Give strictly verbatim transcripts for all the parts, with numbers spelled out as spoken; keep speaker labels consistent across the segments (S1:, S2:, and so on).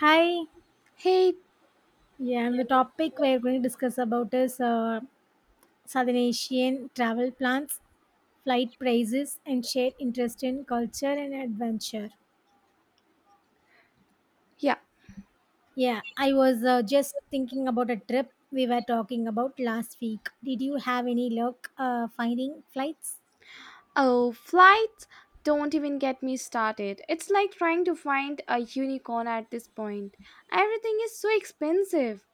S1: Hi,
S2: Hey.
S1: yeah, and the topic
S2: Yeah.
S1: we're going to discuss about is uh, Southern Asian travel plans, flight prices, and shared interest in culture and adventure.
S2: Yeah.
S1: Yeah, I was uh, just thinking about a trip we were talking about last week. Did you have any luck uh, finding flights?
S2: Oh, flights. Don't even get me started. It's like trying to find a unicorn at this point. Everything is so expensive.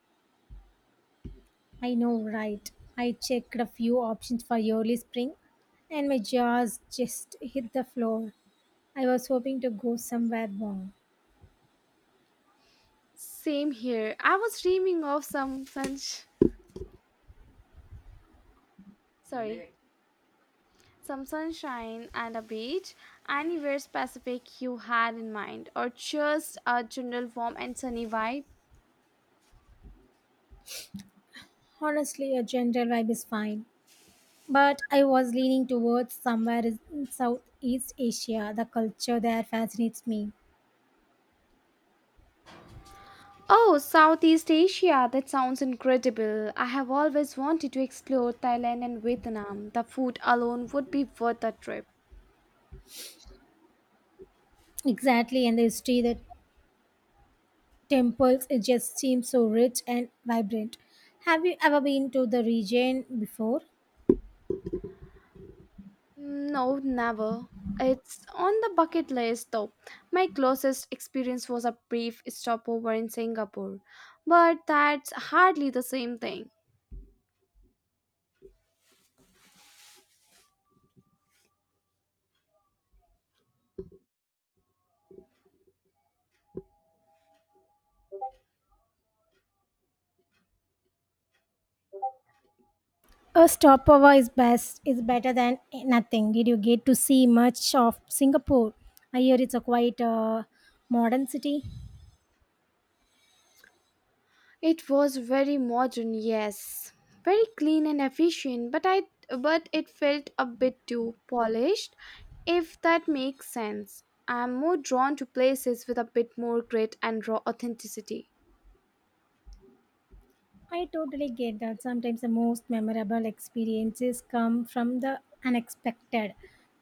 S1: I know, right? I checked a few options for early spring, and my jaws just hit the floor. I was hoping to go somewhere warm.
S2: Same here. I was dreaming of some sun, sorry, some sunshine and a beach. Anywhere specific you had in mind, or just a general warm and sunny vibe?
S1: Honestly, a general vibe is fine, but I was leaning towards somewhere in Southeast Asia. The culture there fascinates me.
S2: Oh, Southeast Asia, that sounds incredible. I have always wanted to explore Thailand and Vietnam. The food alone would be worth a trip.
S1: Exactly, and the history, the temples, it just seems so rich and vibrant. Have you ever been to the region before?
S2: No, never. It's on the bucket list though. My closest experience was a brief stopover in Singapore, but that's hardly the same thing.
S1: A stopover is best is better than nothing. Did you get to see much of Singapore? I hear it's a quite uh, modern city.
S2: It was very modern, yes. Very clean and efficient, but I but it felt a bit too polished, if that makes sense. I'm more drawn to places with a bit more grit and raw authenticity.
S1: I totally get that. Sometimes the most memorable experiences come from the unexpected,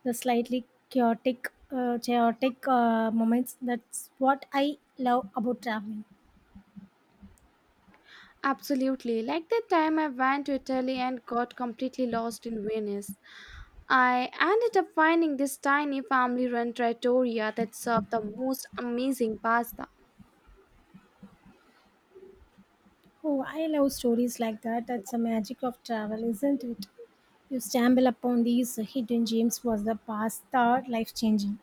S1: the slightly chaotic, uh, chaotic uh, moments. That's what I love about traveling.
S2: Absolutely. Like the time I went to Italy and got completely lost in Venice. I ended up finding this tiny family run trattoria that served the most amazing pasta.
S1: Oh, I love stories like that. That's the magic of travel, isn't it? You stumble upon these hidden gems. Was the past thought life changing?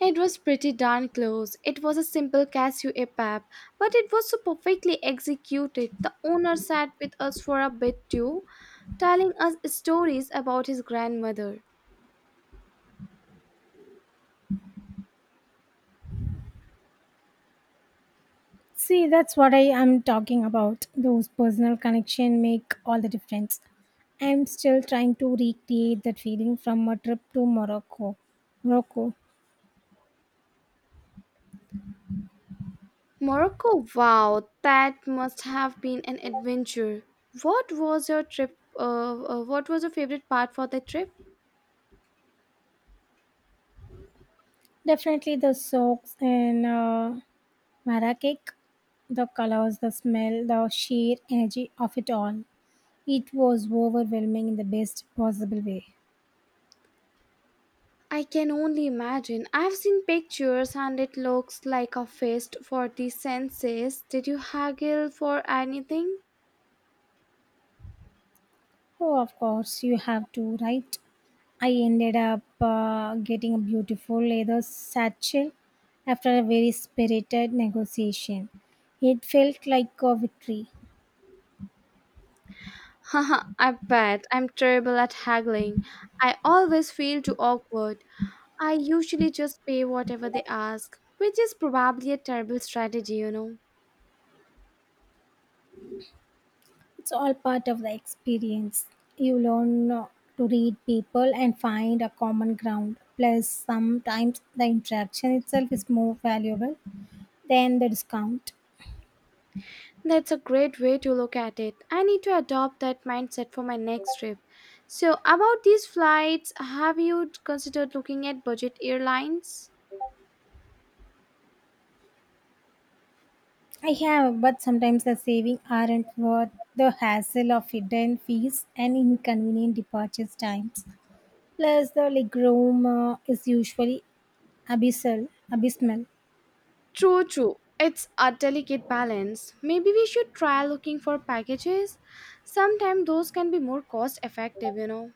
S2: It was pretty darn close. It was a simple cashew epap, but it was so perfectly executed. The owner sat with us for a bit too, telling us stories about his grandmother.
S1: See, that's what I am talking about. Those personal connection make all the difference. I'm still trying to recreate that feeling from a trip to Morocco. Morocco.
S2: Morocco, wow, that must have been an adventure. What was your trip? Uh, uh, what was your favorite part for the trip?
S1: Definitely the socks and uh, Marrakech, the colors, the smell, the sheer energy of it all. It was overwhelming in the best possible way.
S2: I can only imagine. I've seen pictures and it looks like a feast for the senses. Did you haggle for anything?
S1: Oh, of course, you have to, right? I ended up uh, getting a beautiful leather satchel after a very spirited negotiation. It felt like a victory.
S2: Haha, I bet I'm terrible at haggling. I always feel too awkward. I usually just pay whatever they ask, which is probably a terrible strategy, you know.
S1: It's all part of the experience. You learn uh, to read people and find a common ground. Plus, sometimes the interaction itself is more valuable than the discount.
S2: That's a great way to look at it. I need to adopt that mindset for my next trip. So, about these flights, have you considered looking at budget airlines?
S1: I have, but sometimes the saving aren't worth the hassle of hidden fees and inconvenient departure times. Plus, the legroom uh, is usually abyssal, abysmal.
S2: True, true. It's a delicate balance. Maybe we should try looking for packages. Sometimes those can be more cost effective, you know.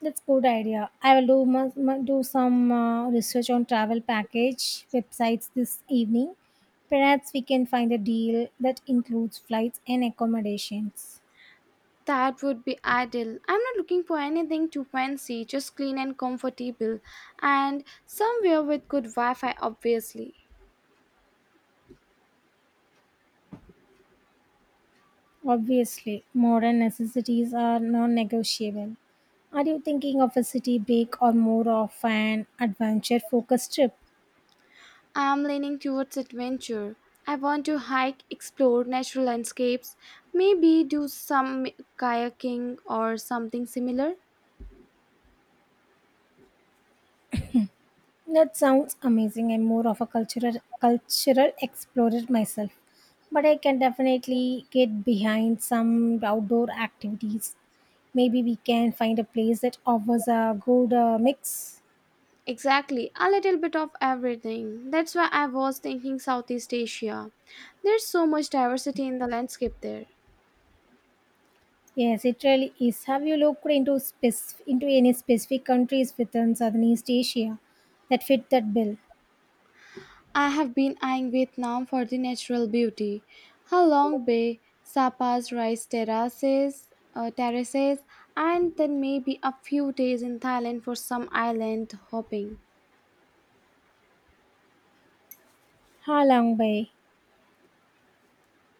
S1: That's good idea. I will do mu- mu- do some uh, research on travel package websites this evening. Perhaps we can find a deal that includes flights and accommodations.
S2: That would be ideal. I'm not looking for anything too fancy, just clean and comfortable, and somewhere with good Wi Fi, obviously.
S1: Obviously, modern necessities are non negotiable. Are you thinking of a city break or more of an adventure focused trip?
S2: I'm leaning towards adventure. I want to hike, explore natural landscapes, maybe do some kayaking or something similar.
S1: That sounds amazing. I'm more of a cultural cultural explorer myself, but I can definitely get behind some outdoor activities. Maybe we can find a place that offers a good uh, mix.
S2: Exactly, a little bit of everything. That's why I was thinking Southeast Asia. There's so much diversity in the landscape there.
S1: Yes, it really is. Have you looked into spec- into any specific countries within Southeast Asia that fit that bill?
S2: I have been eyeing Vietnam for the natural beauty. Halong long Bay, Sapa's rice terraces, uh, terraces, and then maybe a few days in Thailand for some island hopping.
S1: Ha Long Bay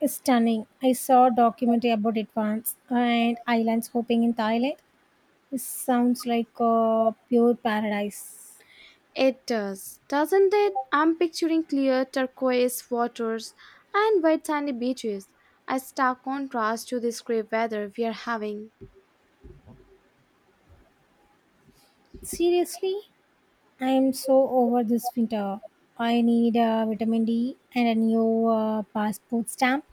S1: is stunning. I saw a documentary about it once, and islands hopping in Thailand. It sounds like a pure paradise.
S2: It does, doesn't it? I'm picturing clear turquoise waters and white sandy beaches, a stark contrast to this grey weather we are having.
S1: Seriously, I am so over this winter. I need a vitamin D and a new uh, passport stamp.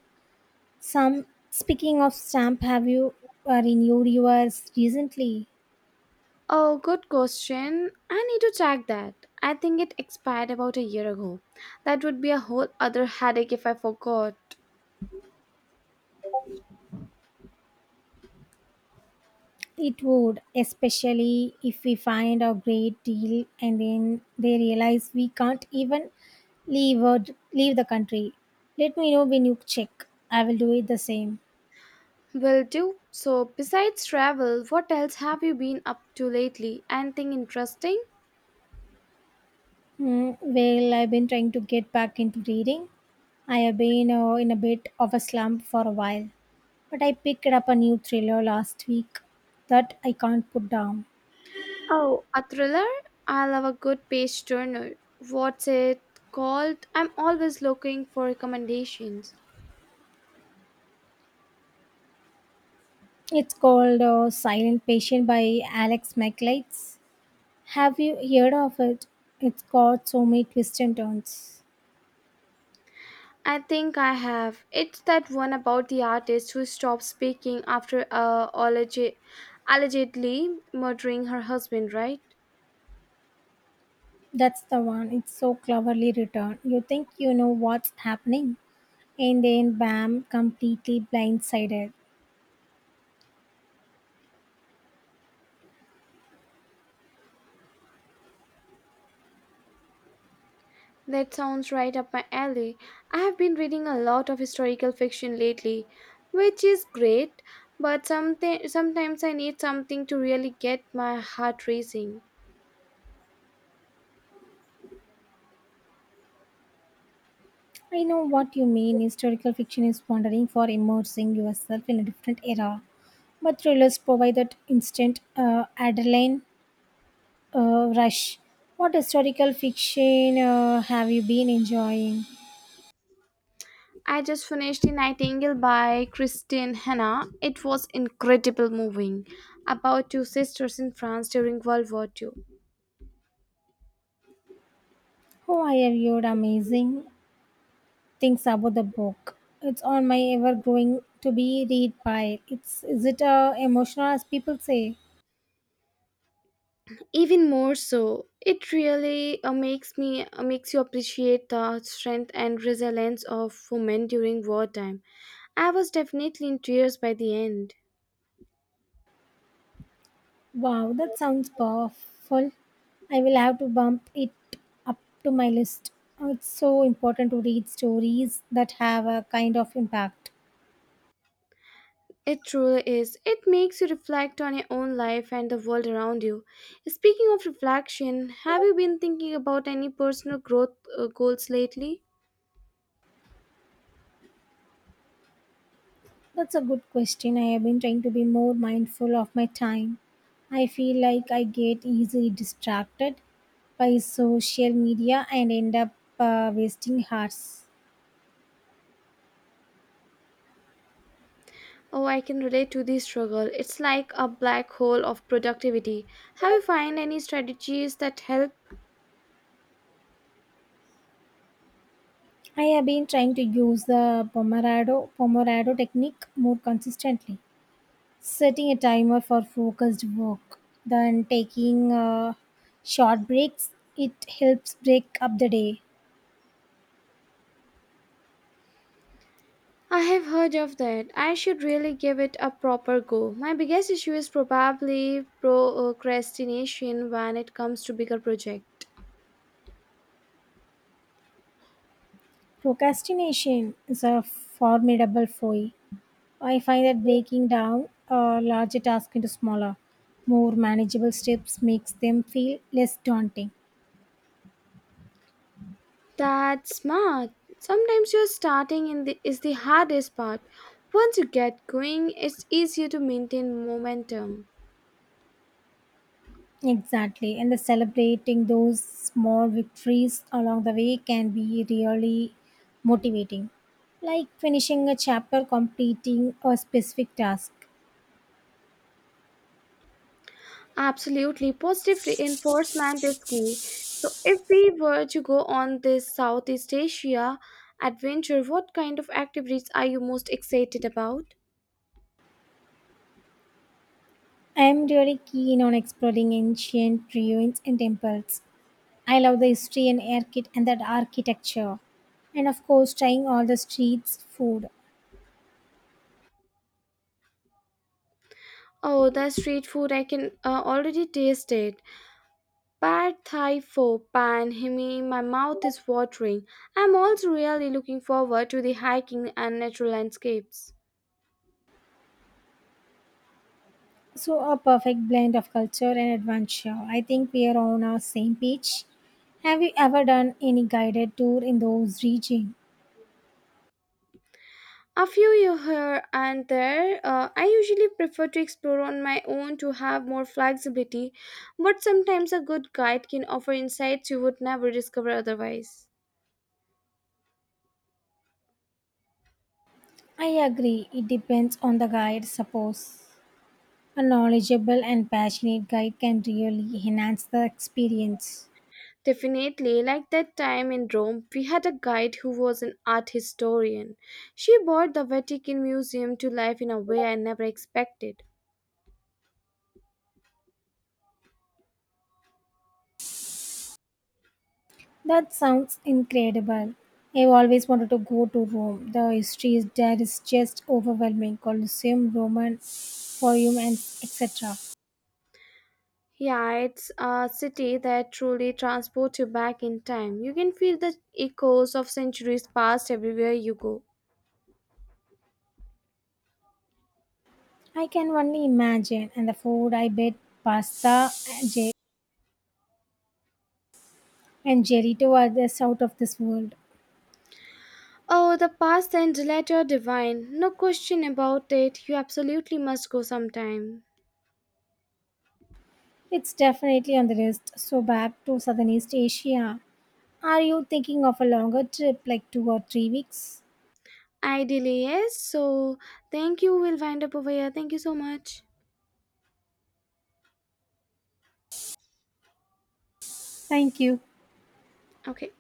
S1: Some Speaking of stamp, have you uh, renewed yours recently?
S2: Oh, good question. I need to check that. I think it expired about a year ago. That would be a whole other headache if I forgot.
S1: It would, especially if we find a great deal and then they realize we can't even leave or leave the country. Let me know when you check. I will do it the same.
S2: Will do. So, besides travel, what else have you been up to lately? Anything interesting?
S1: Hmm. Well, I've been trying to get back into reading. I have been uh, in a bit of a slump for a while, but I picked up a new thriller last week that I can't put down.
S2: Oh, a thriller? I love a good page turner. What's it called? I'm always looking for recommendations.
S1: It's called uh, Silent Patient by Alex MacLeids. Have you heard of it? It's got so many twists and turns.
S2: I think I have. It's that one about the artist who stopped speaking after uh, allege- allegedly murdering her husband, right?
S1: That's the one. It's so cleverly written. You think you know what's happening, and then bam, completely blindsided.
S2: That sounds right up my alley. I have been reading a lot of historical fiction lately, which is great, but something sometimes I need something to really get my heart racing.
S1: I know what you mean. Historical fiction is wandering for immersing yourself in a different era, but thrillers provide that instant uh, adrenaline uh, rush. What historical fiction uh, have you been enjoying?
S2: I just finished The Nightingale by Christine Hanna. It was incredible moving about two sisters in France during World War two.
S1: Oh, I have heard amazing Things about the book. It's on my ever growing to be read pile. It's is it uh, emotional as people say?
S2: Even more so, it really uh, makes me uh, makes you appreciate the strength and resilience of women during wartime. I was definitely in tears by the end.
S1: Wow, that sounds powerful. I will have to bump it up to my list. Oh, it's so important to read stories that have a kind of impact.
S2: It truly is. It makes you reflect on your own life and the world around you. Speaking of reflection, have you been thinking about any personal growth uh, goals lately?
S1: That's a good question. I have been trying to be more mindful of my time. I feel like I get easily distracted by social media and end up uh, wasting hours.
S2: Oh, I can relate to this struggle. It's like a black hole of productivity. Have you find any strategies that help?
S1: I have been trying to use the Pomodoro, Pomodoro technique more consistently, setting a timer for focused work, then taking uh, short breaks. It helps break up the day.
S2: I have heard of that. I should really give it a proper go. My biggest issue is probably procrastination when it comes to bigger projects.
S1: Procrastination is a formidable foe. I find that breaking down a larger task into smaller, more manageable steps makes them feel less daunting.
S2: That's smart. Sometimes your starting in the, is the hardest part. Once you get going, it's easier to maintain momentum.
S1: Exactly, and the celebrating those small victories along the way can be really motivating. Like finishing a chapter, completing a specific task.
S2: Absolutely. Positive reinforcement is key. So, if we were to go on this Southeast Asia adventure, what kind of activities are you most excited about?
S1: I am really keen on exploring ancient ruins and temples. I love the history and archi- and that architecture, and of course, trying all the streets food.
S2: Oh, the street food, I can uh, already taste it. Pad Thai Pho Pan Himi, my mouth is watering. I'm also really looking forward to the hiking and natural landscapes.
S1: So a perfect blend of culture and adventure. I think we are on our same page. Have you ever done any guided tour in those regions?
S2: A few you here and there. uh, I usually prefer to explore on my own to have more flexibility, but sometimes a good guide can offer insights you would never discover otherwise.
S1: I agree, it depends on the guide, suppose. A knowledgeable and passionate guide can really enhance the experience.
S2: Definitely, like that time in Rome, we had a guide who was an art historian. She brought the Vatican Museum to life in a way I never expected.
S1: That sounds incredible. I've always wanted to go to Rome. The history is there is just overwhelming. Colosseum, Roman Forum, and et cetera.
S2: Yeah, it's a city that truly transports you back in time. You can feel the echoes of centuries past everywhere you go.
S1: I can only imagine. And the food, I bet pasta and ge- and gelato are just out of this world.
S2: Oh, the past and delight are divine. No question about it. You absolutely must go sometime.
S1: It's definitely on the list. So back to Southern East Asia. Are you thinking of a longer trip, like two or three weeks?
S2: Ideally, yes. So, thank you. We'll wind up over here. Thank you so much.
S1: Thank you.
S2: Okay.